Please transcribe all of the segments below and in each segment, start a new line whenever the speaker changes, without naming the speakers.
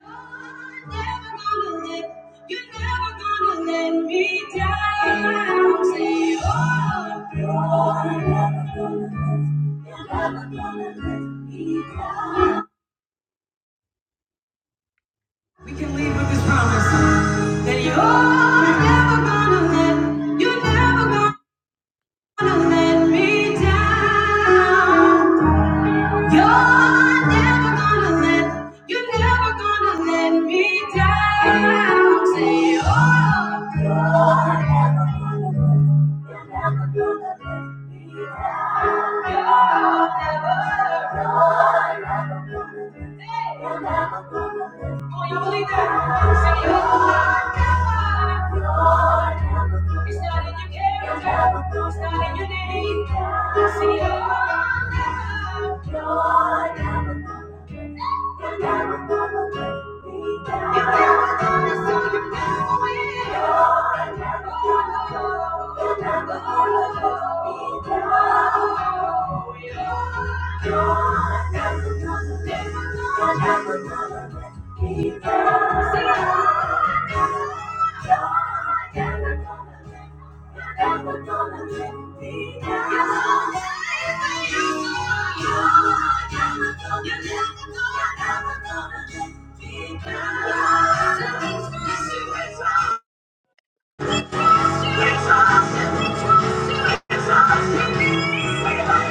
We can leave with this promise that you're never gonna let, you're never gonna let me down. You're never gonna let, you're never gonna let me down. Say, oh, you're never gonna let, you're never gonna let me down. You're never, you're never gonna let, you're never gonna let Come on, y'all believe that? You're never through. It's not in your character. It's not in your name. See you. Never gonna let Never gonna let me down. Thank you. are never gonna. let me down. You're never gonna let me down. It's all, it's all, it's all, it's all.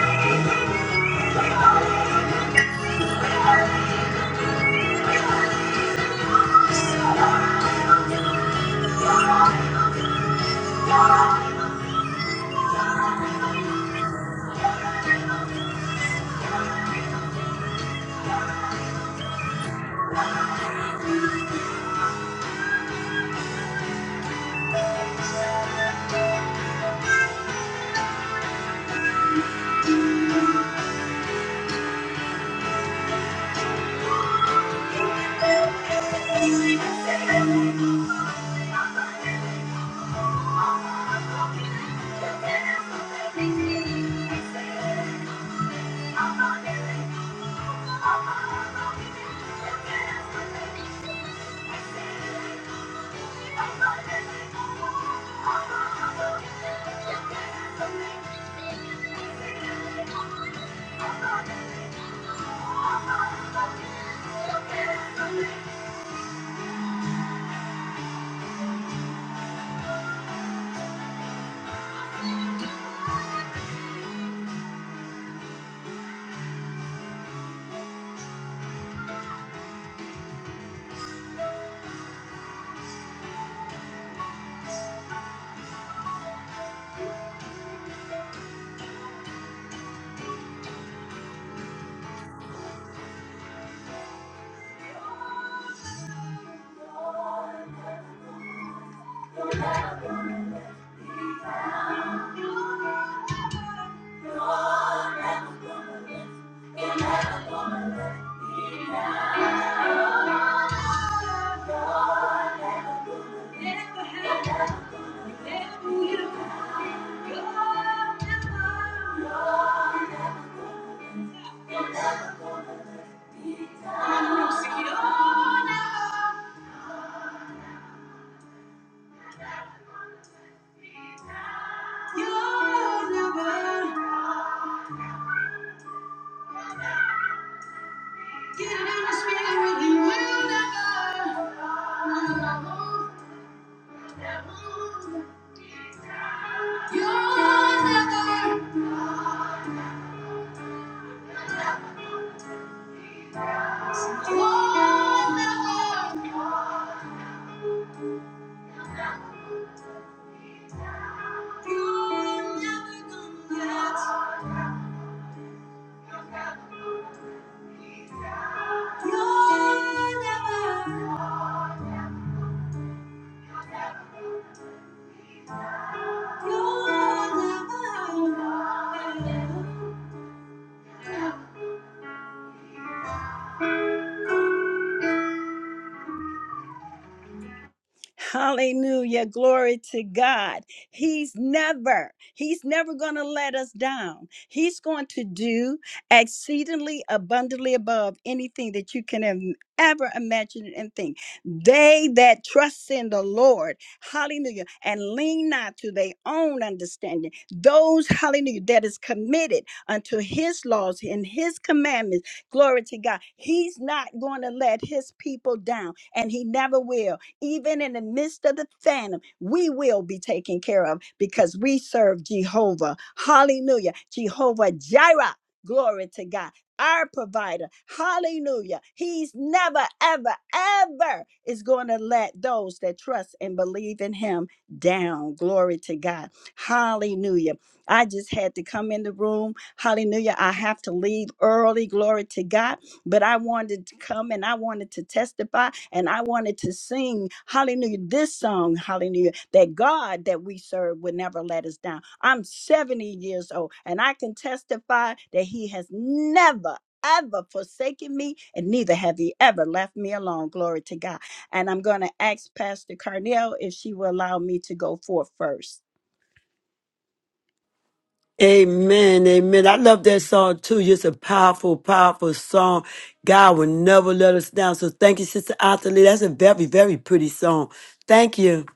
Who you got? You're never, you're never. You never, you're Hallelujah. Glory to God. He's never, he's never going to let us down. He's going to do exceedingly abundantly above anything that you can im- ever imagine and think. They that trust in the Lord, hallelujah, and lean not to their own understanding, those, hallelujah, that is committed unto his laws and his commandments, glory to God. He's not going to let his people down, and he never will even in the midst of the phantom, we will be taken care of because we serve Jehovah. Hallelujah. Jehovah Jireh. Glory to God. Our provider. Hallelujah. He's never, ever, ever is going to let those that trust and believe in him down. Glory to God. Hallelujah. I just had to come in the room. Hallelujah. I have to leave early. Glory to God but I wanted to come and I wanted to testify and I wanted to sing hallelujah this song hallelujah that God that we serve would never let us down. I'm 70 years old and I can testify that he has never ever forsaken me and neither have he ever left me alone glory to God. And I'm going to ask Pastor Carnell if she will allow me to go forth first.
Amen, amen. I love that song too. It's a powerful, powerful song. God will never let us down. So thank you, Sister Anthony. That's a very, very pretty song. Thank you.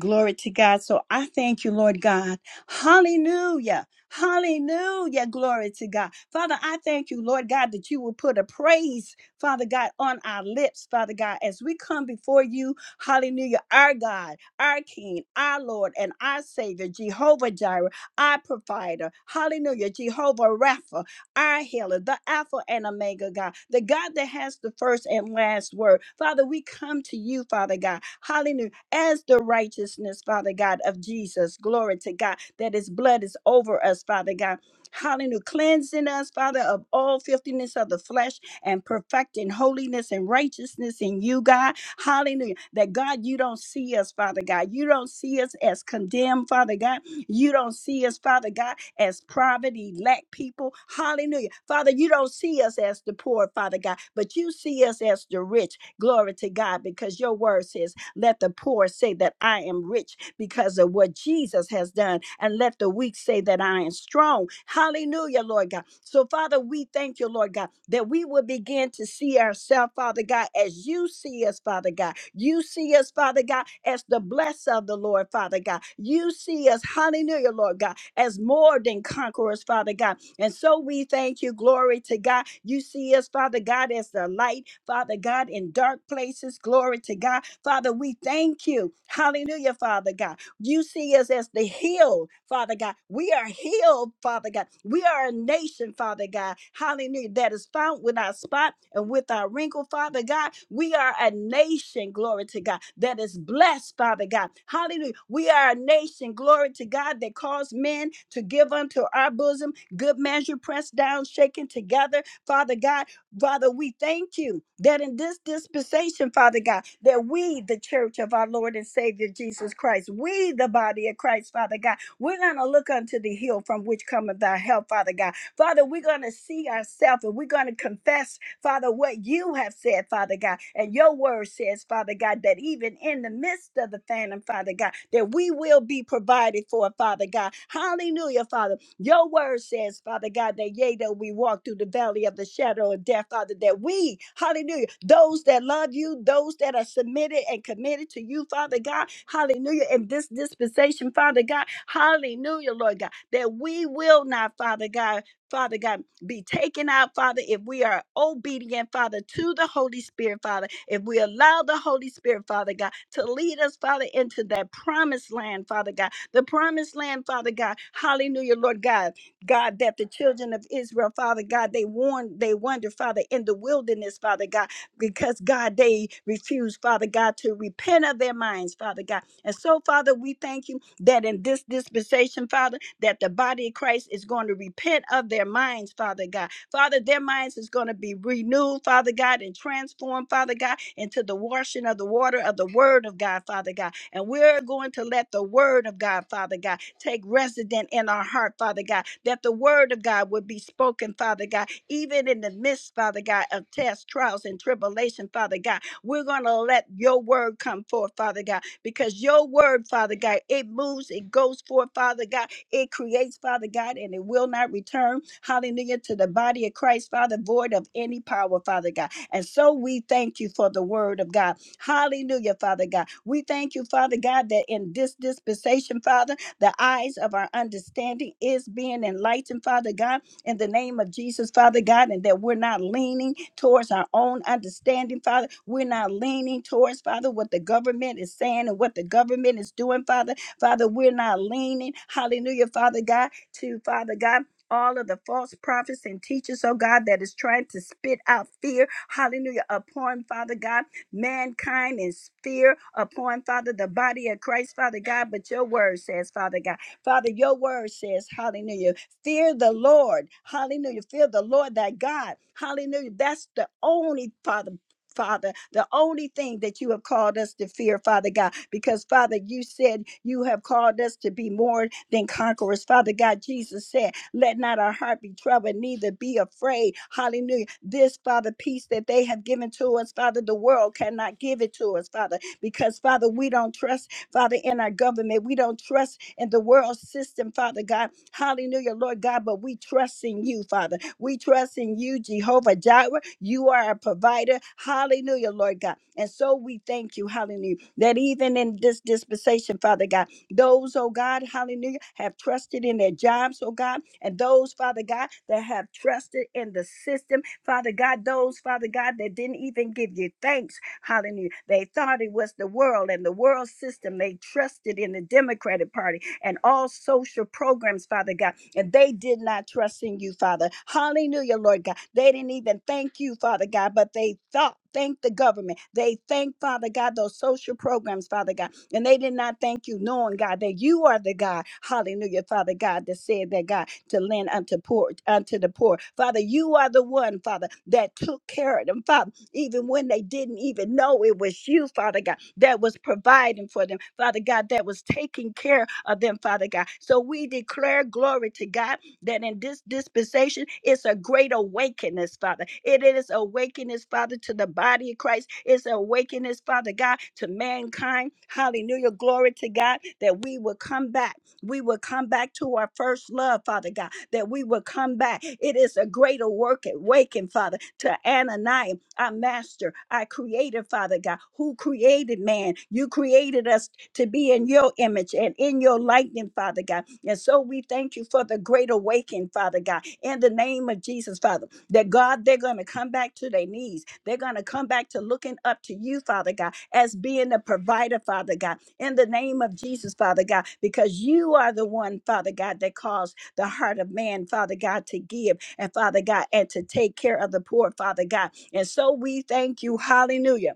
Glory to God. So I thank you, Lord God. Hallelujah. Hallelujah. Glory to God. Father, I thank you, Lord God, that you will put a praise, Father God, on our lips, Father God, as we come before you. Hallelujah. Our God, our King, our Lord, and our Savior, Jehovah Jireh, our provider. Hallelujah. Jehovah Rapha, our healer, the Alpha and Omega God, the God that has the first and last word. Father, we come to you, Father God. Hallelujah as the righteousness, Father God, of Jesus. Glory to God that his blood is over us, Father God. Hallelujah. Cleansing us, Father, of all filthiness of the flesh and perfecting holiness and righteousness in you, God. Hallelujah. That God, you don't see us, Father God. You don't see us as condemned, Father God you don't see us, Father God, as poverty, lack people. Hallelujah. Father, you don't see us as the poor, Father God, but you see us as the rich. Glory to God, because your word says, Let the poor say that I am rich because of what Jesus has done, and let the weak say that iron strong. Hallelujah, Lord God. So, Father, we thank you, Lord God, that we will begin to see ourselves, Father God, as you see us, Father God. You see us, Father God, as the blessed of the Lord, Father God. You see us, hallelujah, Lord God, as more than conquerors, Father God. And so we thank you, glory to God. You see us, Father God, as the light, Father God, in dark places, glory to God. Father, we thank you, hallelujah, Father God. You see us as the healed, Father God. We are healed, Father God. We are a nation, Father God. Hallelujah. That is found with our spot and with our wrinkle, Father God. We are a nation, glory to God, that is blessed, Father God. Hallelujah. We are a nation, glory to God, that calls men to give unto our bosom good measure, pressed down, shaken together, Father God. Father, we thank you that in this dispensation, Father God, that we, the church of our Lord and Savior Jesus Christ, we, the body of Christ, Father God, we're going to look unto the hill from which cometh thy help, Father God. Father, we're going to see ourselves and we're going to confess, Father, what you have said, Father God. And your word says, Father God, that even in the midst of the famine, Father God, that we will be provided for, Father God. Hallelujah, Father. Your word says, Father God, that yea, though we walk through the valley of the shadow of death, Father, that we, hallelujah, those that love you, those that are submitted and committed to you, Father God, hallelujah, in this dispensation, Father God, hallelujah, Lord God, that we will not, Father God, Father God, be taken out, Father, if we are obedient, Father, to the Holy Spirit, Father, if we allow the Holy Spirit, Father God, to lead us, Father, into that promised land, Father God the promised land, Father God. Hallelujah, Lord God. God, that the children of Israel, Father God, they warned, they wonder, Father, in the wilderness, Father God, because God, they refused, Father God, to repent of their minds, Father God. And so, Father, we thank you that in this dispensation, Father, that the body of Christ is going to repent of their minds, Father God. Father, their minds is going to be renewed, Father God, and transformed, Father God, into the washing of the water of the word of God, Father God. And we're going to let the word of God, Father God, take resident in our heart, Father God, that the word of God would be spoken, Father God, even in the midst, Father God, of tests, trials, and tribulation, Father God. We're going to let your word come forth, Father God, because your word, Father God, it moves, it goes forth, Father God, it creates, Father God, and it will not return, hallelujah, to the body of Christ, Father, void of any power, Father God. And so we thank you for the word of God. Hallelujah, Father God. We thank you, Father God, that in this dispensation, Father, the eyes of our understanding is being enlightened, Father God, in the name of Jesus, Father God, and that we're not leaning towards our own understanding, Father. We're not leaning towards, Father, what the government is saying and what the government is doing, Father. Father, we're not leaning, hallelujah, Father God, to Father God. All of the false prophets and teachers, oh God, that is trying to spit out fear, hallelujah, upon Father God mankind in fear upon, Father, the body of Christ, Father God. But your word says, Father God, Father, your word says, hallelujah, fear the Lord. Hallelujah. Fear the Lord thy God. Hallelujah. That's the only, Father. Father, the only thing that you have called us to fear, Father God, because Father, you said you have called us to be more than conquerors. Father God, Jesus said, Let not our heart be troubled, neither be afraid. Hallelujah. This, Father, peace that they have given to us, Father, the world cannot give it to us, Father, because Father, we don't trust. Father, in our government. We don't trust in the world system, Father God. Hallelujah, Lord God, but we trust in you, Father. We trust in you, Jehovah Jireh. You are our provider. Hallelujah, Lord God. And so we thank you, hallelujah, that even in this dispensation, Father God, those, oh God, hallelujah, have trusted in their jobs, oh God, and those, Father God, that have trusted in the system, Father God, those, Father God, that didn't even give you thanks. Hallelujah. They thought it was the world and the world system. They trusted in the Democratic Party and all social programs, Father God. And they did not trust in you, Father. Hallelujah, Lord God. They didn't even thank you, Father God, but they thought. Thank the government. They thank Father God, those social programs, Father God. And they did not thank you, knowing God that you are the God, hallelujah, Father God, that said that God to lend unto poor unto the poor. Father, you are the one, Father, that took care of them, Father even when they didn't even know it was you, Father God, that was providing for them, Father God, that was taking care of them, Father God. So we declare glory to God that in this dispensation, it's a great awakeness, Father. It is awakeness, Father, to the body of Christ. It's awakeness, Father God, to mankind. Hallelujah. Glory to God that we will come back. We will come back to our first love, Father God, that we will come back. It is a greater work awaken, Father, to Ananias our master, our creator, Father God, who created man. You created us to be in your image and in your likeness, Father God. And so we thank you for the great awakening, Father God, in the name of Jesus, Father, that God, they're going to come back to their knees. They're going to come back to looking up to you, Father God, as being the provider, Father God, in the name of Jesus, Father God, because you are the one, Father God, that caused the heart of man, Father God, to give and Father God, and to take care of the poor, Father God. And so we thank you, hallelujah.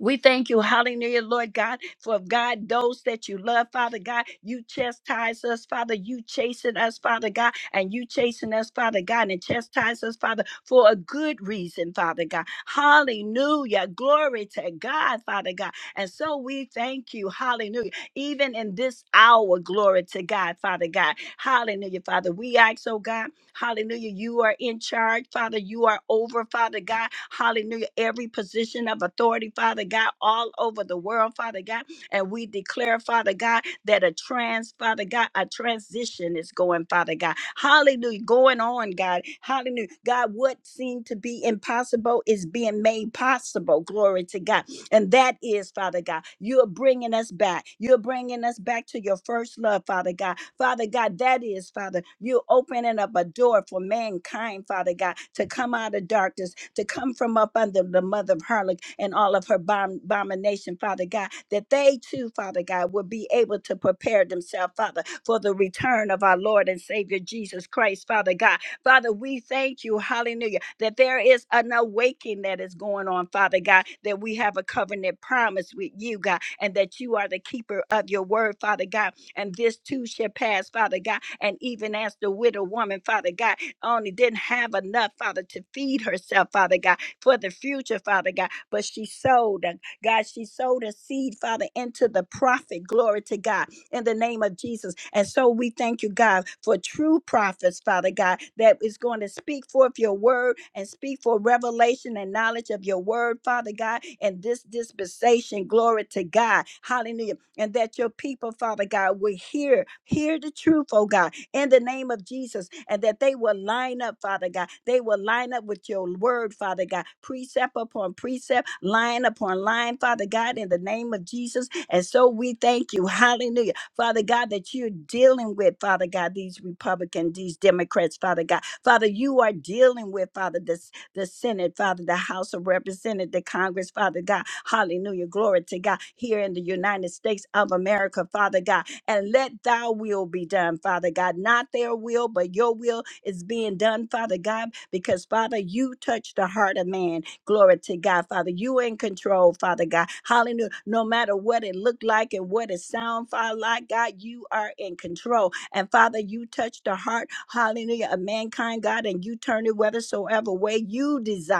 We thank you, hallelujah, Lord God, for God, those that you love, Father God, you chastise us, Father, you chasten us, Father God, and you chasten us, Father God, and chastise us, Father, for a good reason, Father God. Hallelujah. Glory to God, Father God. And so we thank you, hallelujah. Even in this hour, glory to God, Father God. Hallelujah, Father. We ask, oh God. Hallelujah. You are in charge, Father. You are over, Father God. Hallelujah. Every position of authority, Father God, all over the world, Father God. And we declare, Father God, that a trans, Father God, a transition is going, Father God. Hallelujah. Going on, God. Hallelujah. God, what seemed to be impossible is being made possible. Glory to God. And that is, Father God, you're bringing us back. You're bringing us back to your first love, Father God. Father God, that is, Father, you opening up a door for mankind, Father God, to come out of darkness, to come from up under the mother of harlot and all of her bom- abomination, Father God, that they too, Father God, will be able to prepare themselves, Father, for the return of our Lord and Savior Jesus Christ, Father God. Father, we thank you, hallelujah, that there is an awakening that is going on, Father God, that we have a covenant promise with you, God, and that you are the keeper of your word, Father God and this too shall pass, Father God. And even as the widow woman, Father God, only didn't have enough, Father, to feed herself, Father God, for the future, Father God, but she sowed, uh, God, she sowed a seed, Father, into the prophet. Glory to God in the name of Jesus. And so we thank you, God, for true prophets, Father God, that is going to speak forth your word and speak for revelation and knowledge of your word, Father God, and this dispensation. Glory to God. Hallelujah and that your people, Father God, will hear, hear the truth, oh God, in the name of Jesus, and that they will line up, Father God. They will line up with your word, Father God, precept upon precept, line upon line, Father God, in the name of Jesus. And so we thank you, hallelujah, Father God, that you're dealing with, Father God, these Republicans, these Democrats, Father God. Father, you are dealing with, Father, this the Senate, Father, the House of Representatives, the Congress, Father God. Hallelujah. Glory to God. Here in the United States of America, Father God. And let thy will be done, Father God. Not their will, but your will is being done, Father God, because, Father, you touch the heart of man. Glory to God, Father. You in control, Father God. Hallelujah. No matter what it looked like and what it sound, Father, like God, you are in control. And Father, you touch the heart, hallelujah, of mankind, God, and you turn it whithersoever way you desire.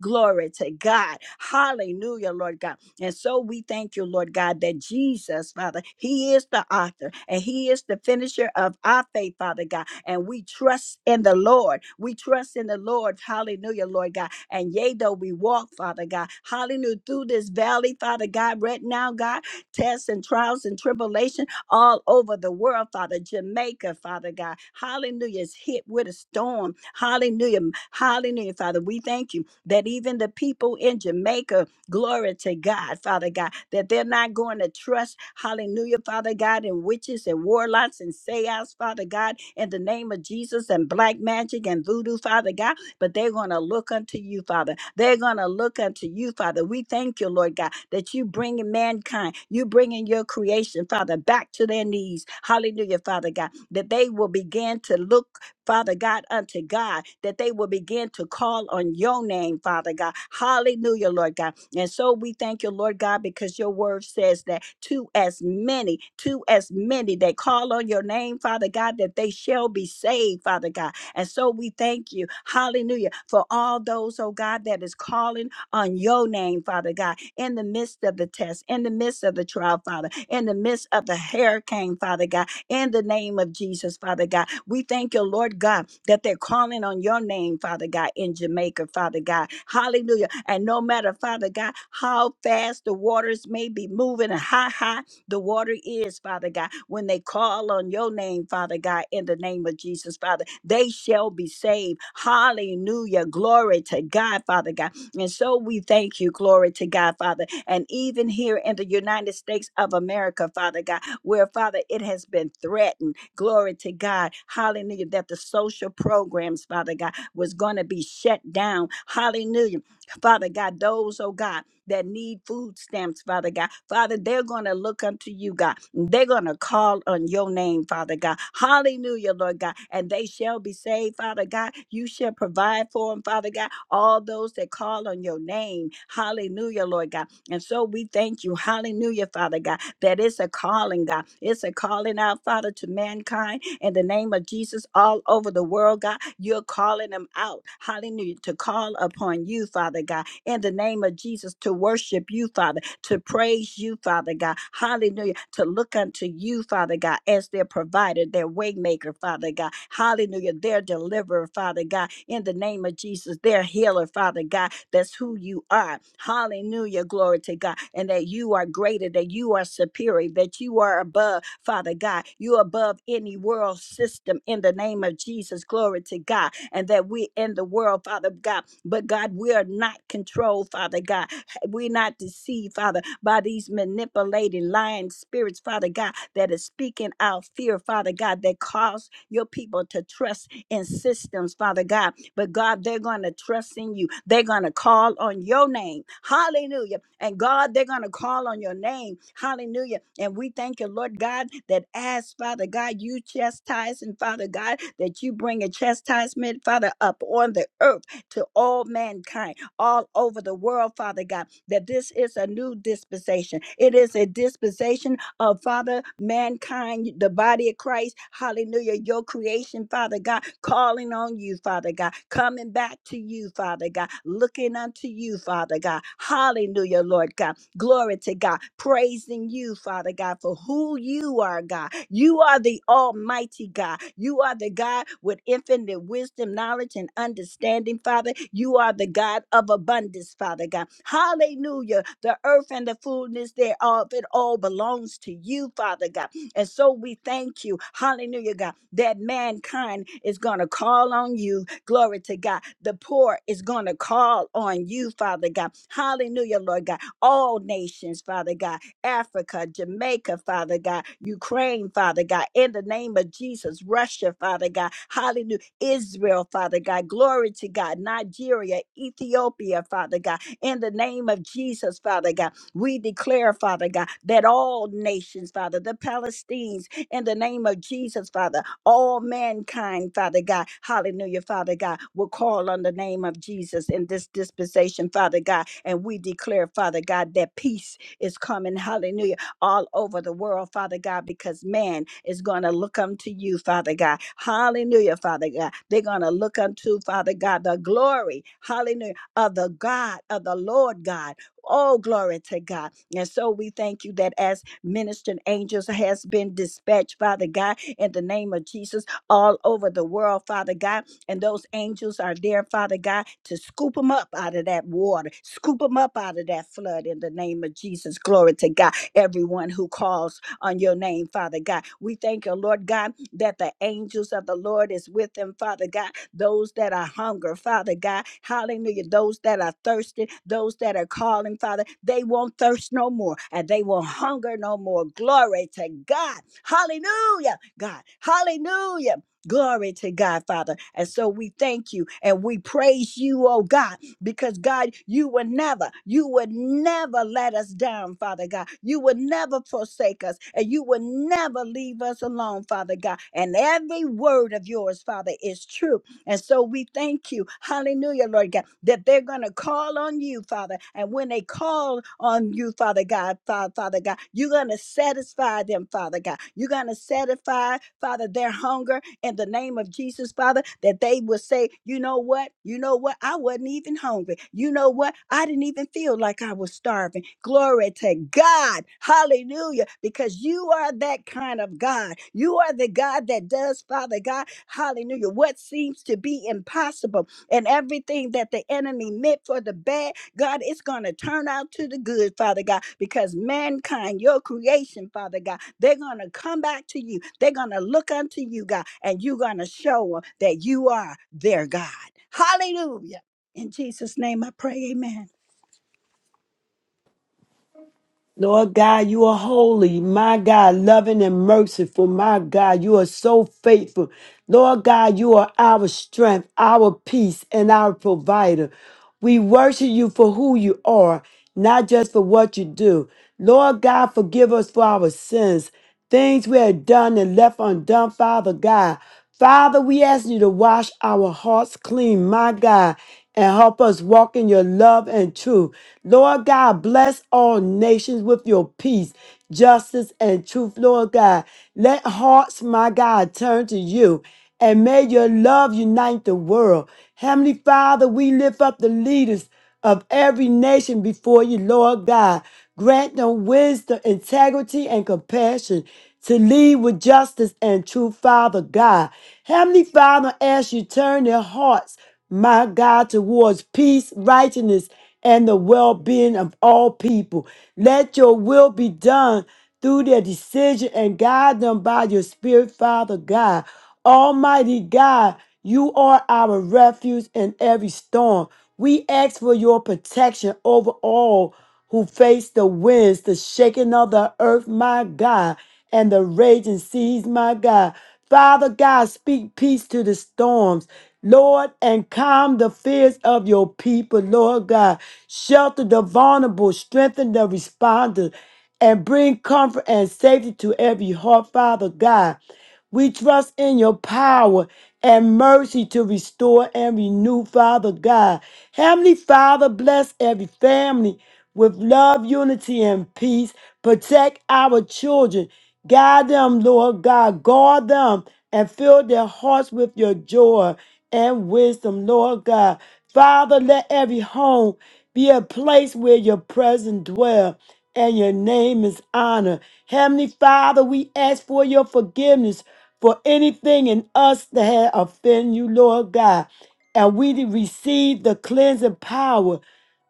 Glory to God. Hallelujah, Lord God. And so we thank you, Lord God, that Jesus, Father, He is the author and He is the finisher of our faith, Father God. And we trust in the Lord. We trust in the Lord. Hallelujah, Lord God. And yea, though we walk, Father God, hallelujah, through this valley, Father God, right now, God, tests and trials and tribulations all over the world, Father. Jamaica, Father God. Hallelujah. Is hit with a storm. Hallelujah. Hallelujah, Father. We thank you that even the people in Jamaica, glory to God, Father God, that they're not going to trust, hallelujah, Father God, in witches and warlocks and seance, Father God, in the name of Jesus and black magic and voodoo, Father God but they're going to look unto you, Father. They're going to look unto you, Father. We thank you, Lord God, that you bringing mankind, you bringing your creation, Father, back to their knees. Hallelujah, Father God, that they will begin to look Father God, unto God, that they will begin to call on your name, Father God. Hallelujah, Lord God. And so we thank you, Lord God, because your word says that to as many, to as many that call on your name, Father God, that they shall be saved, Father God. And so we thank you, hallelujah, for all those, oh God, that is calling on your name, Father God, in the midst of the test, in the midst of the trial, Father, in the midst of the hurricane, Father God, in the name of Jesus, Father God. We thank you, Lord God, that they're calling on your name, Father God, in Jamaica, Father God. Hallelujah. And no matter, Father God, how fast the waters may be moving and how high the water is, Father God. When they call on your name, Father God, in the name of Jesus, Father, they shall be saved. Hallelujah. Glory to God, Father God. And so we thank you, glory to God, Father. And even here in the United States of America, Father God, where, Father, it has been threatened, glory to God, hallelujah, that the social programs, Father God, was going to be shut down. Hallelujah. Father God, those, oh God, that need food stamps, Father God. Father, they're going to look unto you, God. They're going to call on your name, Father God. Hallelujah, Lord God. And they shall be saved, Father God. You shall provide for them, Father God. All those that call on your name. Hallelujah, Lord God. And so we thank you. Hallelujah, Father God, that it's a calling, God. It's a calling out, Father, to mankind in the name of Jesus all over the world, God. You're calling them out. Hallelujah. To call upon you, Father God in the name of Jesus to worship you, Father to praise you, Father God. Hallelujah. To look unto you, Father God, as their provider, their waymaker, Father God. Hallelujah. Their deliverer, Father God. In the name of Jesus, their healer, Father God. That's who you are. Hallelujah. Glory to God. And that you are greater, that you are superior, that you are above, Father God. You're above any world system in the name of Jesus. Glory to God. And that we in the world, Father God. But God, we are not controlled, Father God we're not deceived, Father, by these manipulating lying spirits, Father God, that is speaking out fear, Father God, that cause your people to trust in systems, Father God. But God, they're going to trust in you. They're going to call on your name. Hallelujah. And God, they're going to call on your name. Hallelujah. And we thank you, Lord God, that as Father God, you chastise and Father God, that you bring a chastisement, Father, up on the earth to all mankind all over the world, Father God, that this is a new dispensation. It is a dispensation of Father, mankind, the body of Christ, hallelujah, your creation, Father God, calling on you, Father God, coming back to you, Father God, looking unto you, Father God, hallelujah, Lord God. Glory to God. Praising you, Father God, for who you are, God. You are the Almighty God. You are the God with infinite wisdom, knowledge, and understanding, Father. You are the God of abundance, Father God. Hallelujah. The earth and the fullness thereof, it all belongs to you, Father God. And so we thank you, hallelujah, God, that mankind is going to call on you. Glory to God. The poor is going to call on you, Father God. Hallelujah, Lord God all nations, Father God, Africa, Jamaica, Father God, Ukraine, Father God, in the name of Jesus, Russia, Father God, hallelujah, Israel, Father God, glory to God, Nigeria, Ethiopia, Father God, in the name of Jesus, Father God, we declare, Father God, that all nations, Father, the Palestinians, in the name of Jesus, Father, all mankind, Father God. Hallelujah, Father God, will call on the name of Jesus in this dispensation, Father God. And we declare, Father God, that peace is coming, hallelujah, all over the world, Father God, because man is going to look unto you, Father God. Hallelujah, Father God. They're going to look unto, Father God, the glory, hallelujah, of the God, of the Lord God. Oh, glory to God. And so we thank you that as ministering angels has been dispatched, Father God, in the name of Jesus, all over the world, Father God. And those angels are there, Father God, to scoop them up out of that water, scoop them up out of that flood in the name of Jesus. Glory to God. Everyone who calls on your name, Father God. We thank you, Lord God, that the angels of the Lord is with them, Father God those that are hunger, Father God, hallelujah, those that are thirsty, those that are calling, Father, they won't thirst no more and they won't hunger no more. Glory to God, hallelujah, God, hallelujah. Glory to God, Father. And so we thank you and we praise you, oh God, because God, you would never, you would never let us down, Father God. You would never forsake us and you would never leave us alone, Father God. And every word of yours, Father, is true and so we thank you, hallelujah, Lord God, that they're going to call on you, Father. And when they call on you, Father God, Father, Father God, you're going to satisfy them, Father God. You're going to satisfy, Father, their hunger in the name of Jesus, Father, that they would say, you know what? You know what? I wasn't even hungry. You know what? I didn't even feel like I was starving. Glory to God. Hallelujah. Because you are that kind of God. You are the God that does, Father God. Hallelujah. What seems to be impossible and everything that the enemy meant for the bad. God, it's going to turn out to the good, Father God, because mankind, your creation, Father God, they're going to come back to you. They're going to look unto you, God, and you're going to show them that you are their God. Hallelujah. In Jesus' name I pray, amen.
Lord God, you are holy. My God, loving and merciful. My God, you are so faithful. Lord God, you are our strength, our peace, and our provider. We worship you for who you are, not just for what you do. Lord God, forgive us for our sins. things we have done and left undone, Father God. Father, we ask you to wash our hearts clean, my God, and help us walk in your love and truth. Lord God, bless all nations with your peace, justice, and truth, Lord God. Let hearts, my God, turn to you, and may your love unite the world. Heavenly Father, we lift up the leaders of every nation before you, Lord God. Grant them wisdom, integrity, and compassion to lead with justice and truth, Father God. Heavenly Father, as you turn their hearts, my God, towards peace, righteousness, and the well being of all people. Let your will be done through their decision and guide them by your Spirit, Father God. Almighty God, you are our refuge in every storm. We ask for your protection over all who face the winds, the shaking of the earth, my God, and the raging seas, my God. Father God, speak peace to the storms, Lord, and calm the fears of your people, Lord God. Shelter the vulnerable, strengthen the responders, and bring comfort and safety to every heart, Father God. We trust in your power and mercy to restore and renew, Father God. Heavenly Father, bless every family with love, unity, and peace. Protect our children. Guide them, Lord God. Guard them and fill their hearts with your joy and wisdom, Lord God. Father, let every home be a place where your presence dwell and your name is honored. Heavenly Father, we ask for your forgiveness for anything in us that had offended you, Lord God. And we did receive the cleansing power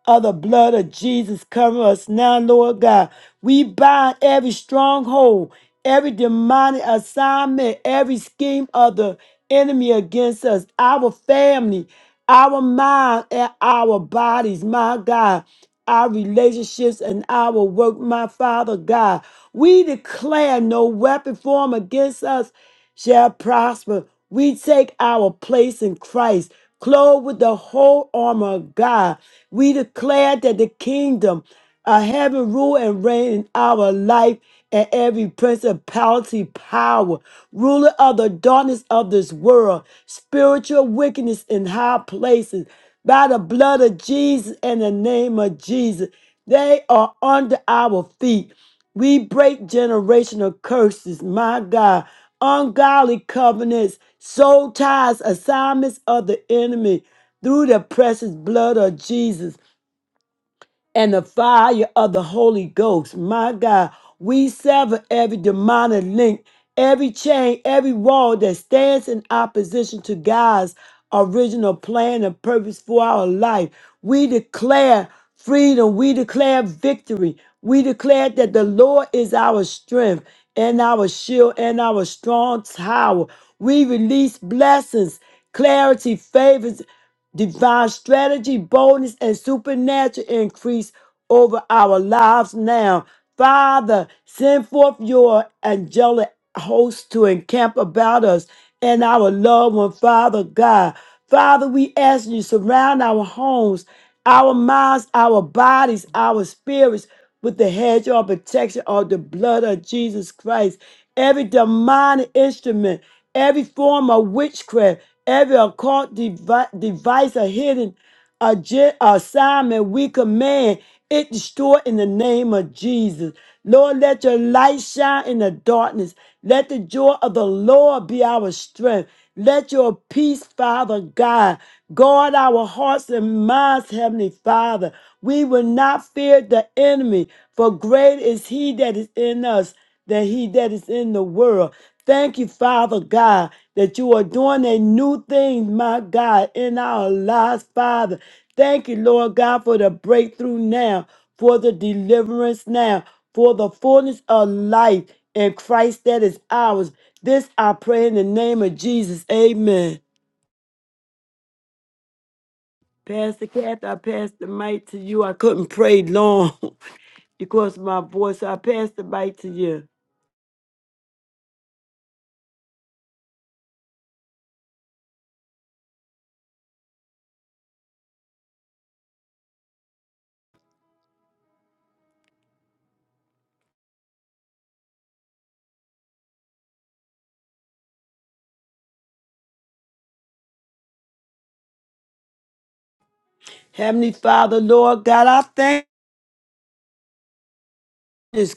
of the blood of Jesus cover us now, Lord God. We bind every stronghold, every demonic assignment, every scheme of the enemy against us, our family, our mind, and our bodies, my God our relationships and our work, my Father God. We declare no weapon formed against us shall prosper. We take our place in Christ, clothed with the whole armor of God. We declare that the kingdom of heaven rule and reign in our life and every principality, power, ruler of the darkness of this world, spiritual wickedness in high places, by the blood of Jesus and the name of Jesus. They are under our feet. We break generational curses, my God, ungodly covenants, soul ties, assignments of the enemy through the precious blood of Jesus and the fire of the Holy Ghost. My God, we sever every demonic link, every chain, every wall that stands in opposition to God's original plan and purpose for our life. We declare freedom. We declare victory. We declare that the Lord is our strength and our shield and our strong tower. We release blessings, clarity, favors divine strategy, boldness, and supernatural increase over our lives now. Father, send forth your angelic host to encamp about us and our loved one, Father God. Father, we ask you surround our homes, our minds, our bodies, our spirits with the hedge of protection of the blood of Jesus Christ. Every demonic instrument, every form of witchcraft, every occult devi- device or hidden agen- assignment we command it destroy in the name of Jesus. Lord, let your light shine in the darkness. Let the joy of the Lord be our strength. Let your peace, Father God, guard our hearts and minds, Heavenly Father. We will not fear the enemy, for great is he that is in us that he that is in the world. Thank you, Father God, that you are doing a new thing, my God, in our lives, Father. Thank you, Lord God, for the breakthrough now, for the deliverance now, for the fullness of life in Christ that is ours. This I pray in the name of Jesus. Amen. Pastor Kathy, I pass the mic to you. I couldn't pray long because of my voice. So I pass the mic to you. Heavenly Father, Lord God, I thank you.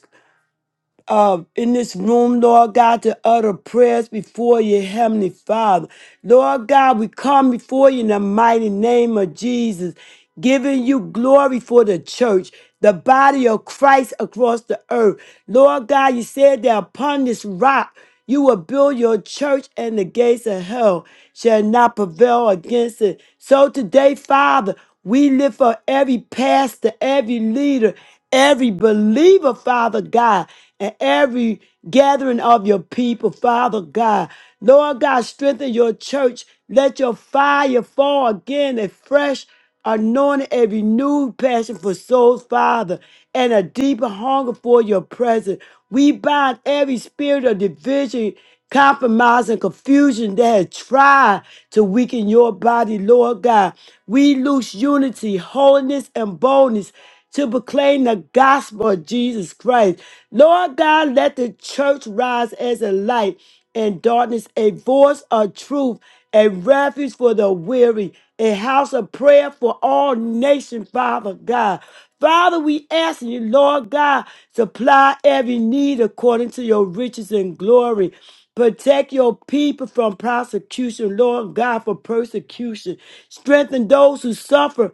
uh, in this room, Lord God, to utter prayers before you, Heavenly Father. Lord God, we come before you in the mighty name of Jesus, giving you glory for the church, the body of Christ across the earth. Lord God, you said that upon this rock, you will build your church, and the gates of hell shall not prevail against it. So today, Father, we lift up every pastor, every leader, every believer, Father God, and every gathering of your people, Father God. Lord God, strengthen your church. Let your fire fall again and fresh anointing a renewed passion for souls, Father, and a deeper hunger for your presence. We bind every spirit of division, compromise, and confusion that has tried to weaken your body, Lord God. We loose unity, holiness, and boldness to proclaim the gospel of Jesus Christ. Lord God, let the church rise as a light in darkness, a voice of truth, a refuge for the weary, a house of prayer for all nations, Father God. Father, we ask you, Lord God, supply every need according to your riches and glory. Protect your people from prosecution, Lord God, for persecution. Strengthen those who suffer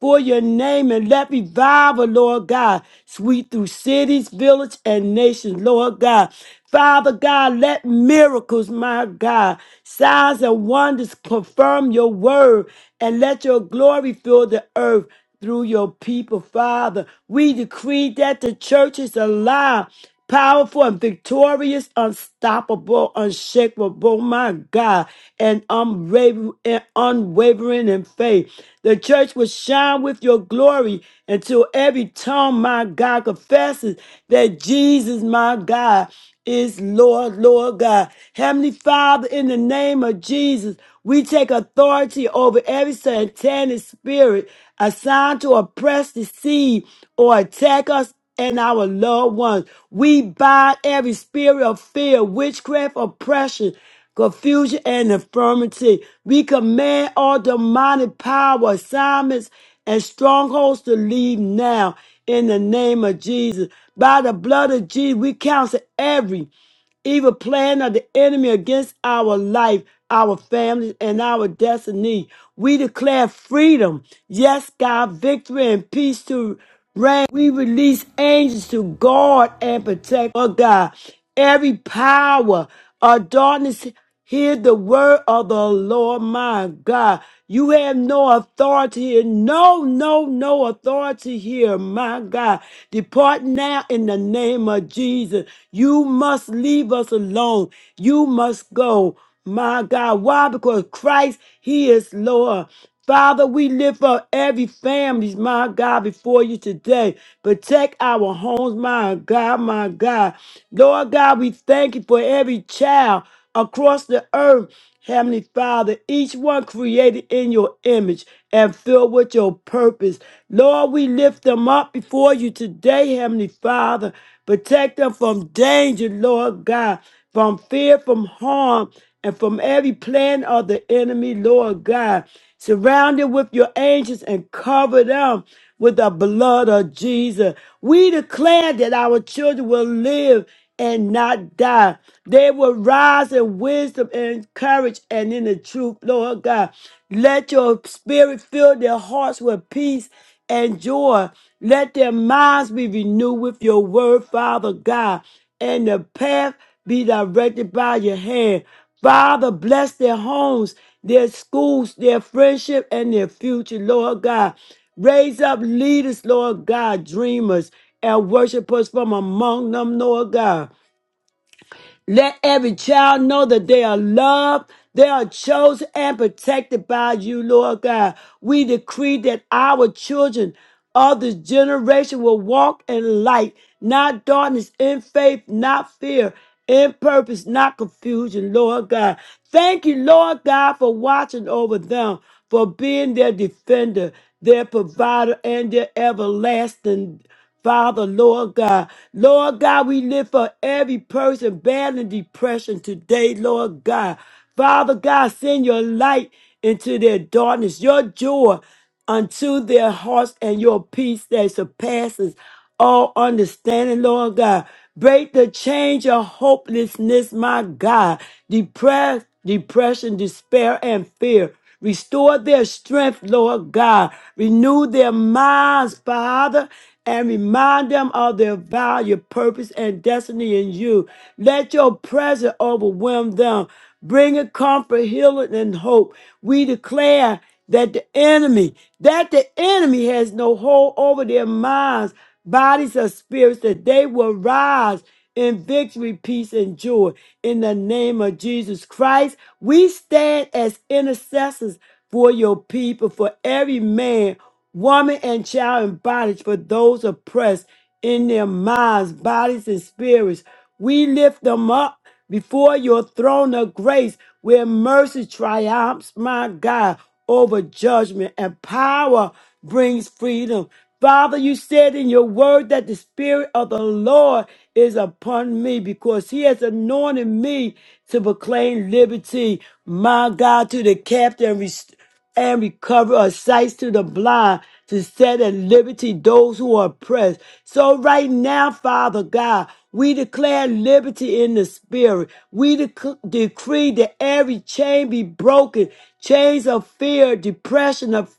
for your name and let revival, Lord God, sweep through cities, villages, and nations, Lord God. Father God, let miracles, my God, signs and wonders confirm your word and let your glory fill the earth through your people, Father. We decree that the church is alive powerful and victorious, unstoppable, unshakable, my God, and unwaver- and unwavering in faith. The church will shine with your glory until every tongue, my God, confesses that Jesus, my God, is Lord, Lord God. Heavenly Father, in the name of Jesus, we take authority over every satanic spirit assigned to oppress, deceive, or attack us and our loved ones. We bind every spirit of fear, witchcraft, oppression, confusion, and infirmity. We command all demonic power, assignments, and strongholds to leave now in the name of Jesus. By the blood of Jesus, we counsel every Evil plan of the enemy against our life, our families, and our destiny. We declare freedom. Yes, God, victory and peace to reign. We release angels to guard and protect, oh God. Every power of darkness Hear the word of the Lord my God. You have no authority here. No, no, no authority here, my God. Depart now in the name of Jesus. You must leave us alone. You must go, my God. Why? Because Christ, He is Lord. Father, we lift up every family, my God, before you today. Protect our homes, my God, my God. Lord God, we thank you for every child across the earth, Heavenly Father, each one created in your image and filled with your purpose. Lord, we lift them up before you today, Heavenly Father. Protect them from danger, Lord God, from fear, from harm, and from every plan of the enemy, Lord God. Surround them with your angels and cover them with the blood of Jesus. We declare that our children will live and not die. They will rise in wisdom and courage and in the truth, Lord God. Let your spirit fill their hearts with peace and joy. Let their minds be renewed with your word, Father God, and the path be directed by your hand. Father, bless their homes, their schools, their friendship, and their future, Lord God. Raise up leaders, Lord God, dreamers and worshipers from among them, Lord God. Let every child know that they are loved, they are chosen and protected by you, Lord God. We decree that our children of this generation will walk in light, not darkness, in faith, not fear, in purpose, not confusion, Lord God. Thank you, Lord God, for watching over them, for being their defender, their provider, and their everlasting Father, Lord God. Lord God, we live for every person battling depression today, Lord God. Father God, send your light into their darkness, your joy unto their hearts, and your peace that surpasses all understanding, Lord God. Break the chains of hopelessness, my God. Depress, depression, despair, and fear. Restore their strength, Lord God. Renew their minds, Father, and remind them of their value, purpose, and destiny in you. Let your presence overwhelm them, bringing comfort, healing, and hope. We declare that the enemy, that the enemy has no hold over their minds, bodies, or spirits, that they will rise in victory, peace, and joy in the name of Jesus Christ. We stand as intercessors for your people, for every man, woman, and child in bondage, for those oppressed in their minds, bodies, and spirits. We lift them up before your throne of grace where mercy triumphs, my God, over judgment and power brings freedom. Father, you said in your word that the Spirit of the Lord is upon me because he has anointed me to proclaim liberty, my God, to the captive and restored and recovery of sight to the blind, to set at liberty those who are oppressed. So, right now, Father God, we declare liberty in the spirit. We dec- decree that every chain be broken, chains of fear, depression, of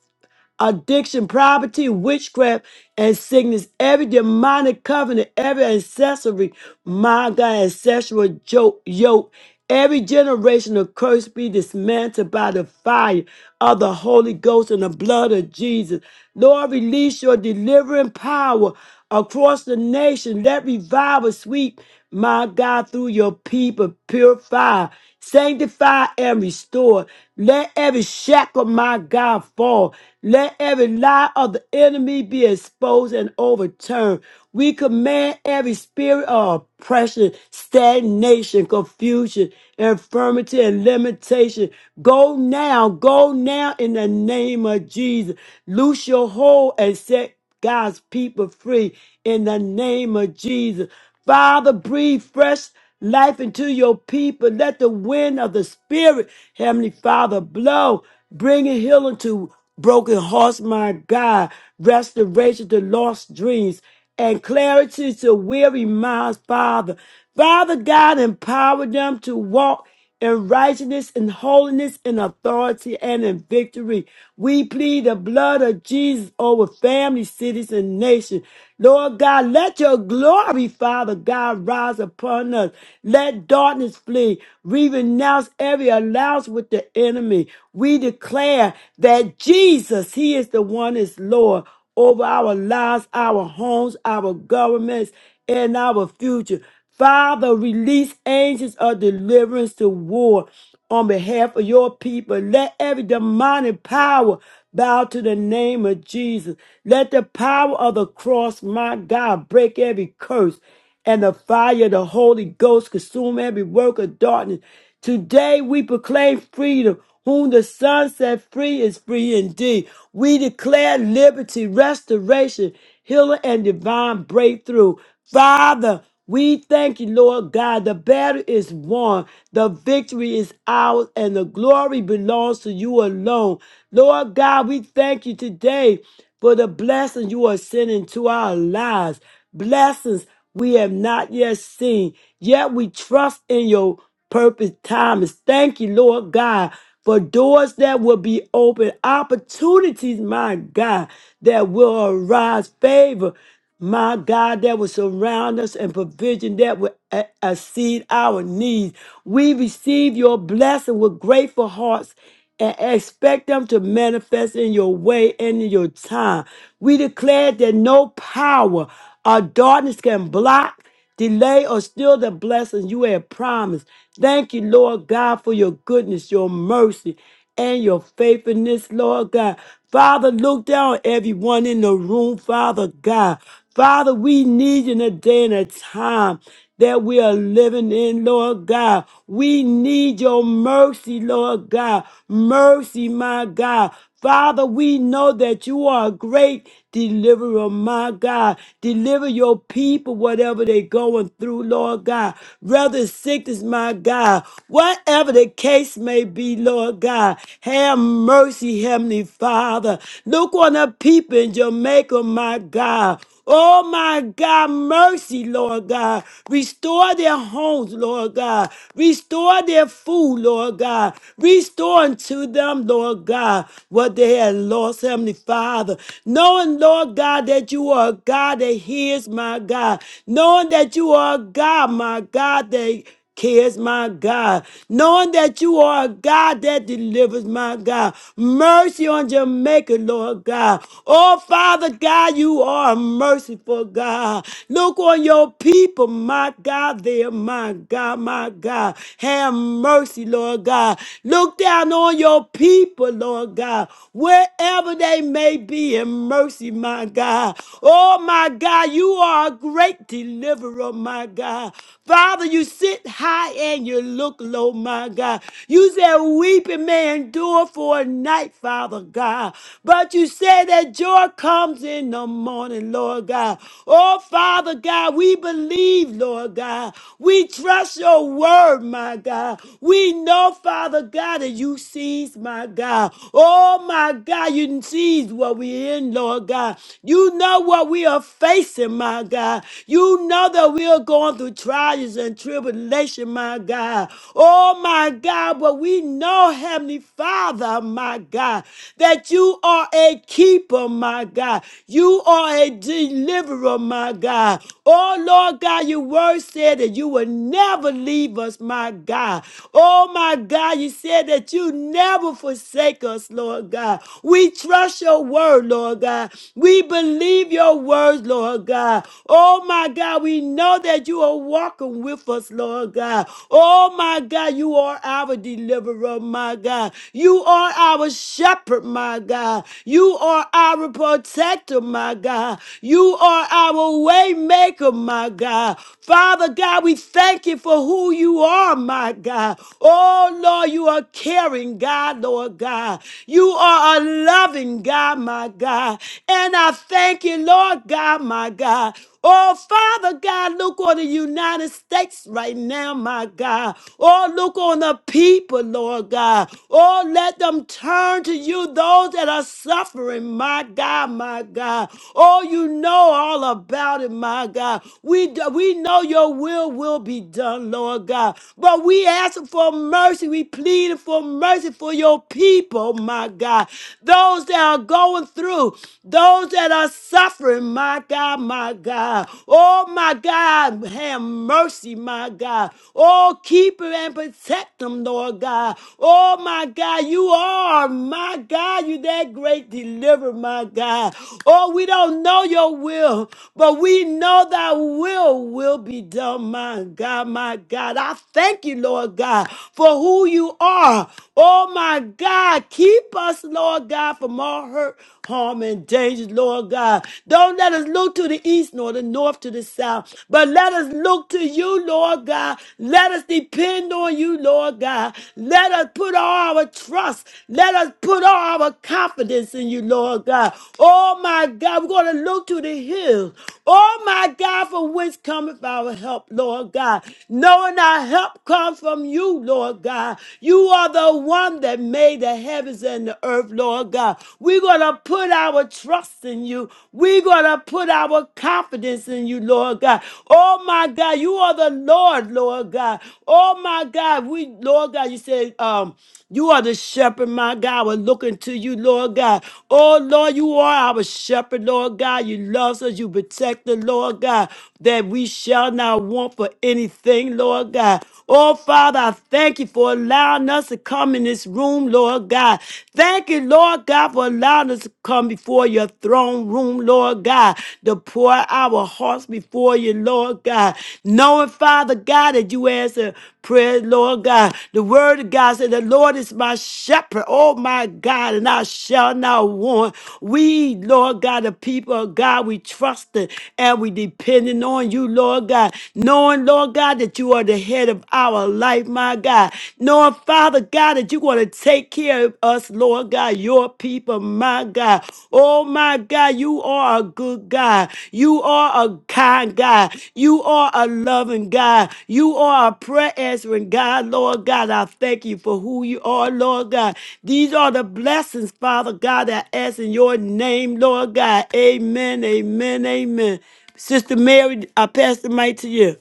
addiction, poverty, witchcraft, and sickness, every demonic covenant, every ancestry, my God, ancestral joke, yoke, every generational curse be dismantled by the fire of the Holy Ghost and the blood of Jesus. Lord, release your delivering power across the nation. Let revival sweep, my God, through your people. Purify. Sanctify and restore. Let every shackle, my God, fall. Let every lie of the enemy be exposed and overturned. We command every spirit of oppression, stagnation, confusion, infirmity, and limitation. Go now, go now in the name of Jesus. Loose your hold and set God's people free in the name of Jesus. Father, breathe fresh life into your people. Let the wind of the Spirit, Heavenly Father, blow, bringing healing to broken hearts, my God, restoration to lost dreams, and clarity to weary minds, Father. Father God, empower them to walk in righteousness, in holiness, in authority, and in victory. We plead the blood of Jesus over families, cities, and nations. Lord God, let your glory, Father God, rise upon us. Let darkness flee. We renounce every alliance with the enemy. We declare that Jesus, He is the one is Lord over our lives, our homes, our governments, and our future. Father, release angels of deliverance to war on behalf of your people. Let every demonic power bow to the name of Jesus. Let the power of the cross, my God, break every curse and the fire of the Holy Ghost consume every work of darkness. Today we proclaim freedom. Whom the Son set free is free indeed. We declare liberty, restoration, healing, and divine breakthrough. Father, we thank you, Lord God. The battle is won, the victory is ours, and the glory belongs to you alone. Lord God, we thank you today for the blessings you are sending to our lives. Blessings we have not yet seen, yet we trust in your purpose, times. Thank you, Lord God, for doors that will be open, opportunities, my God, that will arise, favor, my God, that will surround us and provision that will e- exceed our needs. We receive your blessing with grateful hearts and expect them to manifest in your way and in your time. We declare that no power or darkness can block, delay, or steal the blessings you have promised. Thank you, Lord God, for your goodness, your mercy and your faithfulness, Lord God. Father, look down on everyone in the room, Father God. Father, we need you in a day and a time that we are living in, Lord God. We need your mercy, Lord God. Mercy, my God. Father, we know that you are a great deliverer, my God. Deliver your people, whatever they're going through, Lord God. Whether it's sickness, my God, whatever they the case may be, Lord God. Have mercy, Heavenly Father. Look on the people in Jamaica, my God. Oh my God, mercy, Lord God. Restore their homes, Lord God. Restore their food, Lord God. Restore unto them, Lord God, what they had lost, Heavenly Father. Knowing, Lord God, that you are a God that hears, my God. Knowing that you are a God, my God, that cares, my God. Knowing that you are a God that delivers, my God. Mercy on Jamaica, Lord God. Oh, Father God, you are a merciful God. Look on your people, my God, there, my God, my God. Have mercy, Lord God. Look down on your people, Lord God, wherever they may be in mercy, my God. Oh, my God, you are a great deliverer, my God. Father, you sit high and you look low, my God. You said weeping may endure for a night, Father God. But you said that joy comes in the morning, Lord God. Oh, Father God, we believe, Lord God. We trust your word, my God. We know, Father God, that you sees, my God. Oh, my God, you sees what we're in, Lord God. You know what we are facing, my God. You. You know that we are going through trials and tribulation, my God. Oh, my God, but we know, Heavenly Father, my God, that you are a keeper, my God. You are a deliverer, my God. Oh, Lord God, your word said that you will never leave us, my God. Oh, my God, you said that you never forsake us, Lord God. We trust your word, Lord God. We believe your word your words, Lord God. Oh my God, we know that you are walking with us, Lord God. Oh my God, you are our deliverer, my God. You are our shepherd, my God. You are our protector, my God. You are our way maker, my God. Father God, we thank you for who you are, my God. Oh Lord, you are caring, God, Lord God. You are a loving God, my God. God. And I thank you, Lord God, my God. Oh, Father God, look on the United States right now, my God. Oh, look on the people, Lord God. Oh, let them turn to you, those that are suffering, my God, my God. Oh, you know all about it, my God. We, d- we know your will will be done, Lord God. But we ask for mercy. We plead for mercy for your people, my God those that are going through, those that are suffering, my God, my God. Oh, my God, have mercy, my God. Oh, keep them and protect them, Lord God. Oh, my God, you are, my God, you that great deliverer, my God. Oh, we don't know your will, but we know thy will will be done, my God, my God. I thank you, Lord God, for who you are. Oh, Oh my God, keep us, Lord God, from all hurt, harm, and danger, Lord God. Don't let us look to the east nor the north to the south, but let us look to you, Lord God. Let us depend on you, Lord God. Let us put all our trust, let us put all our confidence in you, Lord God. Oh my God, we're going to look to the hills. Oh my God, from whence cometh our help, Lord God. Knowing our help comes from you, Lord. Lord God. You are the one that made the heavens and the earth, Lord God. We're going to put our trust in you. We're going to put our confidence in you, Lord God. Oh, my God, you are the Lord, Lord God. Oh, my God, we, Lord God, you said, um, you are the shepherd, my God. We're looking to you, Lord God. Oh, Lord, you are our shepherd, Lord God. You love us, you protect the Lord God, that we shall not want for anything, Lord. Lord God. Oh, Father, I thank you for allowing us to come in this room, Lord God. Thank you, Lord God, for allowing us to come before your throne room, Lord God, to pour our hearts before you, Lord God. Knowing, Father God, that you answer Praise, Lord God. The word of God said, The Lord is my shepherd, oh my God, and I shall not want. We, Lord God, the people of God, we trust and we depending on you, Lord God. Knowing, Lord God, that you are the head of our life, my God. Knowing, Father God, that you're going to take care of us, Lord God your people, my God. Oh, my God, you are a good God. You are a kind God. You are a loving God. You are a prayer answering God, Lord God. I thank you for who you are, Lord God. These are the blessings, Father God, that I ask in your name, Lord God. Amen, amen, amen. Sister Mary, I pass the mic to you.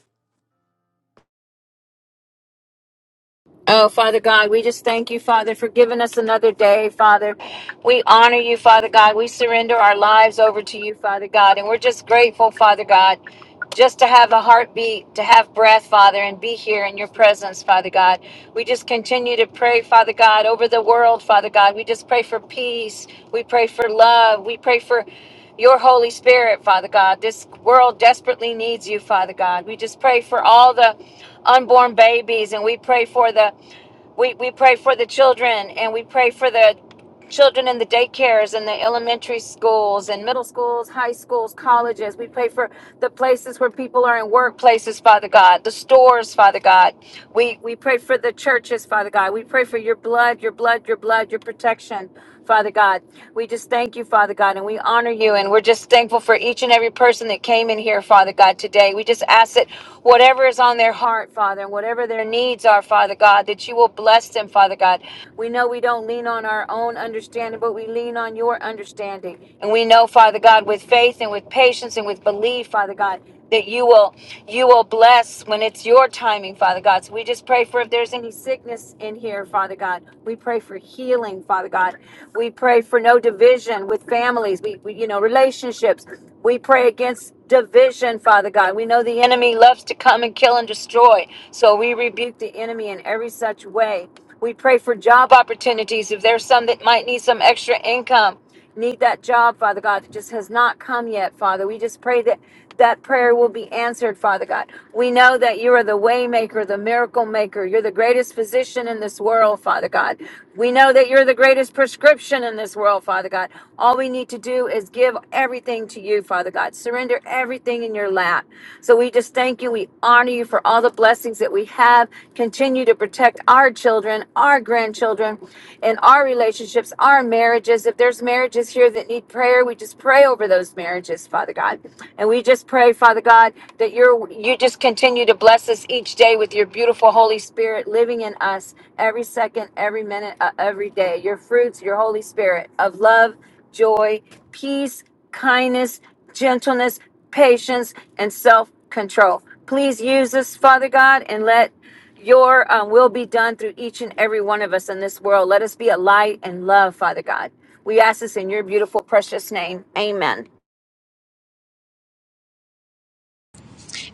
Oh, Father God, we just thank you, Father, for giving us another day, Father. We honor you, Father God. We surrender our lives over to you, Father God. And we're just grateful, Father God, just to have a heartbeat, to have breath, Father, and be here in your presence, Father God. We just continue to pray, Father God, over the world, Father God. We just pray for peace. We pray for love. We pray for your Holy Spirit, Father God. This world desperately needs you, Father God. We just pray for all the unborn babies and we pray for the we, we pray for the children and we pray for the children in the daycares and the elementary schools and middle schools, high schools, colleges. We pray for the places where people are in workplaces, Father God, the stores, Father God. We we pray for the churches, Father God. We pray for your blood, your blood, your blood, your protection. Father God. We just thank you, Father God, and we honor you. And we're just thankful for each and every person that came in here, Father God, today. We just ask that whatever is on their heart, Father, and whatever their needs are, Father God, that you will bless them, Father God. We know we don't lean on our own understanding, but we lean on your understanding. And we know, Father God, with faith and with patience and with belief, Father God, that you will you will bless when it's your timing father god so we just pray for if there's any sickness in here father god we pray for healing father god we pray for no division with families we, we you know relationships we pray against division father god we know the enemy loves to come and kill and destroy so we rebuke the enemy in every such way we pray for job opportunities if there's some that might need some extra income need that job, Father God, that just has not come yet, Father. We just pray that that prayer will be answered, Father God. We know that you are the way maker, the miracle maker. You're the greatest physician in this world, Father God. We know that you're the greatest prescription in this world, Father God. All we need to do is give everything to you, Father God. Surrender everything in your lap. So we just just thank you. We honor you for all the blessings that we have. Continue to protect our children, our grandchildren, and our relationships, our marriages. If there's marriages here that need prayer, we just pray over those marriages, Father God. And we just pray, Father God, that you're you just continue to bless us each day with your beautiful Holy Spirit living in us every second, every minute, uh, every day. Your fruits, your Holy Spirit of love, joy, peace, kindness, gentleness patience, and self control. Please use us, Father God, and let your um, will be done through each and every one of us in this world. Let us be a light and love, Father God. We ask this in your beautiful, precious name. Amen.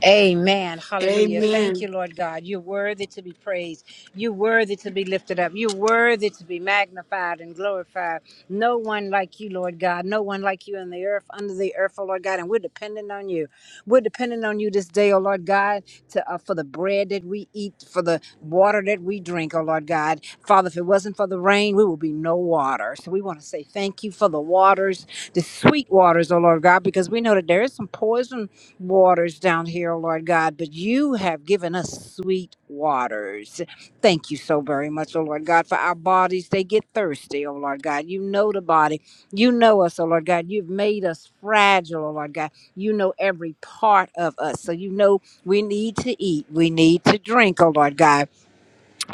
Amen. Hallelujah.
Amen.
Thank you, Lord God. You're worthy to be praised. You're worthy to be lifted up. You're worthy to be magnified and glorified. No one like you, Lord God. No one like you in the earth, under the earth, oh Lord God. And we're dependent on you. We're dependent on you this day, oh Lord God, to uh, for the bread that we eat, for the water that we drink, oh Lord God. Father, if it wasn't for the rain, we would be no water. So we want to say thank you for the waters, the sweet waters, oh Lord God, because we know that there is some poison waters down here, Lord God, but you have given us sweet waters. Thank you so very much, oh Lord God, for our bodies. They get thirsty, oh Lord God. You know the body. You know us, oh Lord God. You've made us fragile, oh Lord God. You know every part of us. So you know we need to eat. We need to drink, oh Lord God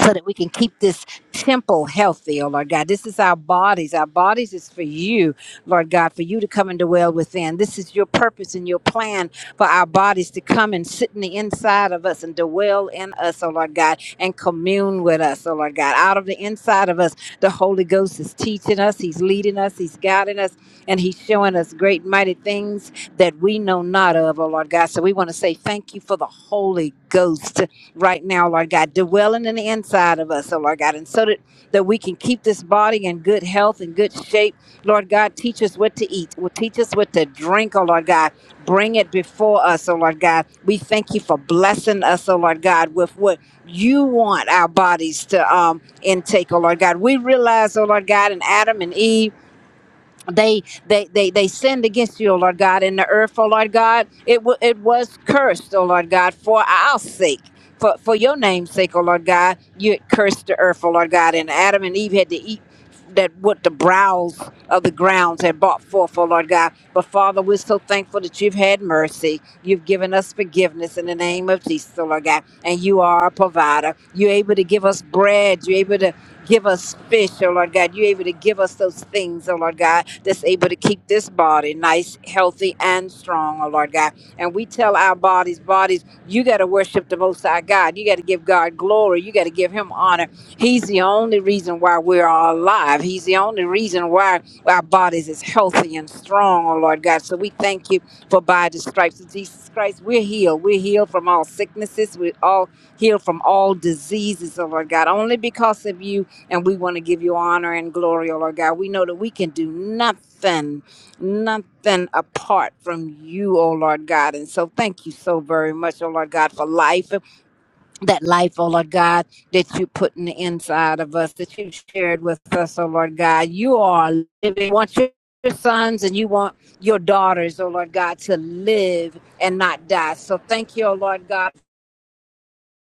so that we can keep this temple healthy, oh Lord God. This is our bodies. Our bodies is for you, Lord God, for you to come and dwell within. This is your purpose and your plan for our bodies to come and sit in the inside of us and dwell in us, oh Lord God, and commune with us, oh Lord God. Out of the inside of us, the Holy Ghost is teaching us, He's leading us, He's guiding us, and He's showing us great mighty things that we know not of, oh Lord God. So we want to say thank you for the Holy Ghost right now, Lord God, dwelling in the inside of us, oh Lord God, and so that, that we can keep this body in good health and good shape. Lord God, teach us what to eat, will teach us what to drink, oh Lord God. Bring it before us, oh Lord God. We thank you for blessing us, oh Lord God, with what you want our bodies to um intake, oh Lord God. We realize, oh Lord God, in Adam and Eve they they they they sinned against you, O Lord God, and the earth, O Lord God, it wa it was cursed, O Lord God, for our sake. For, for your name's sake, O Lord God, you cursed the earth, O Lord God, and Adam and Eve had to eat that what the browse of the grounds had brought forth, O Lord God. But Father, we're so thankful that you've had mercy. You've given us forgiveness in the name of Jesus, O Lord God. And you are a provider. You're able to give us bread. You're able to Give us fish, oh Lord God. You're able to give us those things, oh Lord God, that's able to keep this body nice, healthy, and strong, oh Lord God. And we tell our bodies, bodies, you got to worship the Most High God. You got to give God glory. You got to give Him honor. He's the only reason why we're all alive. He's the only reason why our bodies is healthy and strong, oh Lord God. So we thank you for by the stripes of Jesus Christ, we're healed. We're healed from all sicknesses. We're all healed from all diseases, oh Lord God. Only because of you and we want to give you honor and glory, O Lord God. We know that we can do nothing, nothing apart from you, O Lord God. And so thank you so very much, O Lord God, for life. That life, O Lord God, that you put in the inside of us, that you shared with us, O Lord God. You are living. You want your your sons and you want your daughters, O Lord God, to live and not die. So thank you, O Lord God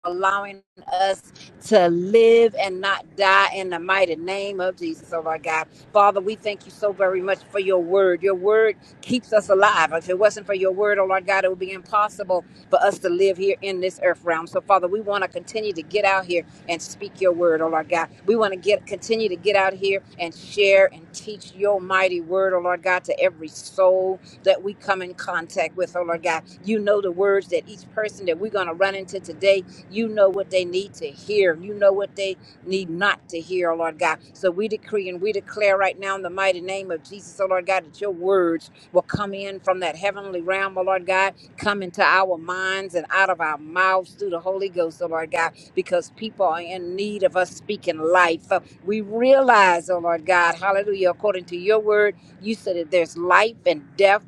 allowing us to live and not die in the mighty name of Jesus, oh my God. Father, we thank you so very much for your word. Your word keeps us alive. If it wasn't for your word, oh Lord God, it would be impossible for us to live here in this earth realm. So, Father, we want to continue to get out here and speak your word, oh Lord God. We want to get continue to get out here and share and teach your mighty word, oh Lord God, to every soul that we come in contact with, oh Lord God. You know the words that each person that we're going to run into today you know what they need to hear. You know what they need not to hear, oh Lord God. So we decree and we declare right now in the mighty name of Jesus, oh Lord God, that your words will come in from that heavenly realm, oh Lord God, come into our minds and out of our mouths through the Holy Ghost, oh Lord God, because people are in need of us speaking life. Uh, We realize, oh Lord God, hallelujah, according to your word, you said that there's life and death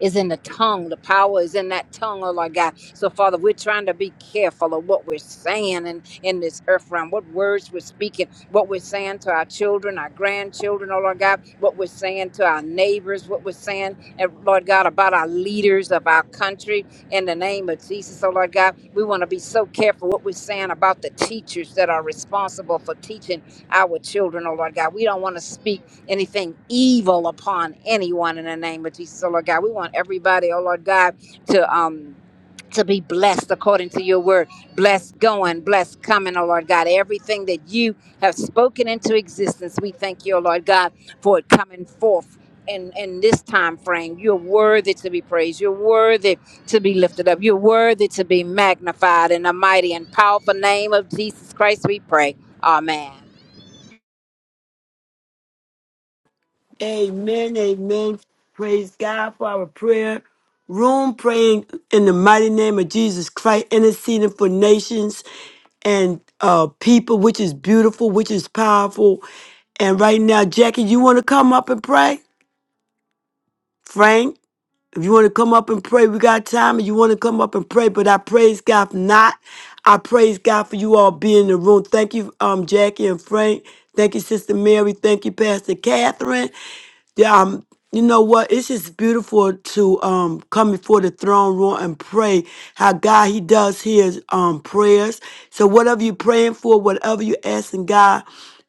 is in the tongue. The power is in that tongue, oh Lord God. So, Father, we're trying to be careful of what we're saying in, in this earth realm, what words we're speaking, what we're saying to our children, our grandchildren, oh Lord God, what we're saying to our neighbors, what we're saying, eh, Lord God, about our leaders of our country in the name of Jesus, oh Lord God. We want to be so careful what we're saying about the teachers that are responsible for teaching our children, oh Lord God. We don't want to speak anything evil upon anyone in the name of Jesus, oh Lord God. We want everybody, oh Lord God, to um to be blessed according to your word. Blessed going, blessed coming, oh Lord God. Everything that you have spoken into existence, we thank you, oh Lord God, for it coming forth. In, in this time frame, you're worthy to be praised. You're worthy to be lifted up. You're worthy to be magnified in the mighty and powerful name of Jesus Christ. We pray. Amen.
Amen, amen. Praise God for our prayer room, praying in the mighty name of Jesus Christ, interceding for nations and uh, people, which is beautiful, which is powerful. And right now, Jackie, you want to come up and pray? Frank? If you want to come up and pray, we got time. If you want to come up and pray, but I praise God for not. I praise God for you all being in the room. Thank you, um, Jackie and Frank. Thank you, Sister Mary. Thank you, Pastor Catherine. Yeah, um, you know what? It's just beautiful to um come before the throne room and pray. How God He does His um prayers. So whatever you're praying for, whatever you're asking God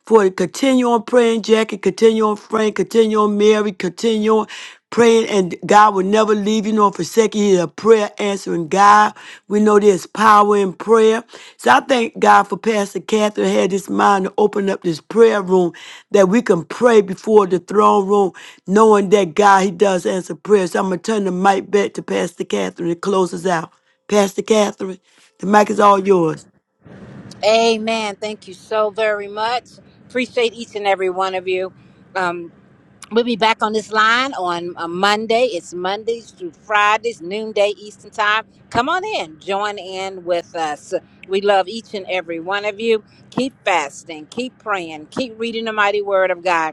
for it. Continue on praying, Jackie. Continue on Frank. Continue on Mary. Continue on praying, and God will never leave you nor forsake you. He's a prayer answering God. We know there's power in prayer. So I thank God for Pastor Catherine had this mind to open up this prayer room that we can pray before the throne room, knowing that God, He does answer prayers. So I'm going to turn the mic back to Pastor Catherine to close us out. Pastor Catherine, the mic is all yours.
Amen. Thank you so very much. Appreciate each and every one of you. Um, we'll be back on this line on uh, Monday. It's Mondays through Fridays, noonday Eastern time. Come on in, join in with us. We love each and every one of you. Keep fasting, keep praying, keep reading the mighty word of God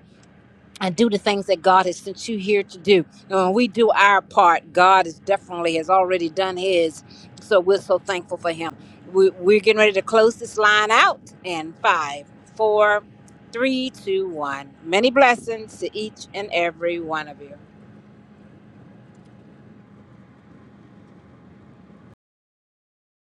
and do the things that God has sent you here to do. And when we do our part, God is definitely has already done His. So we're so thankful for Him. We, we're getting ready to close this line out in five, four, three, two, one. Many blessings to each and every one of you.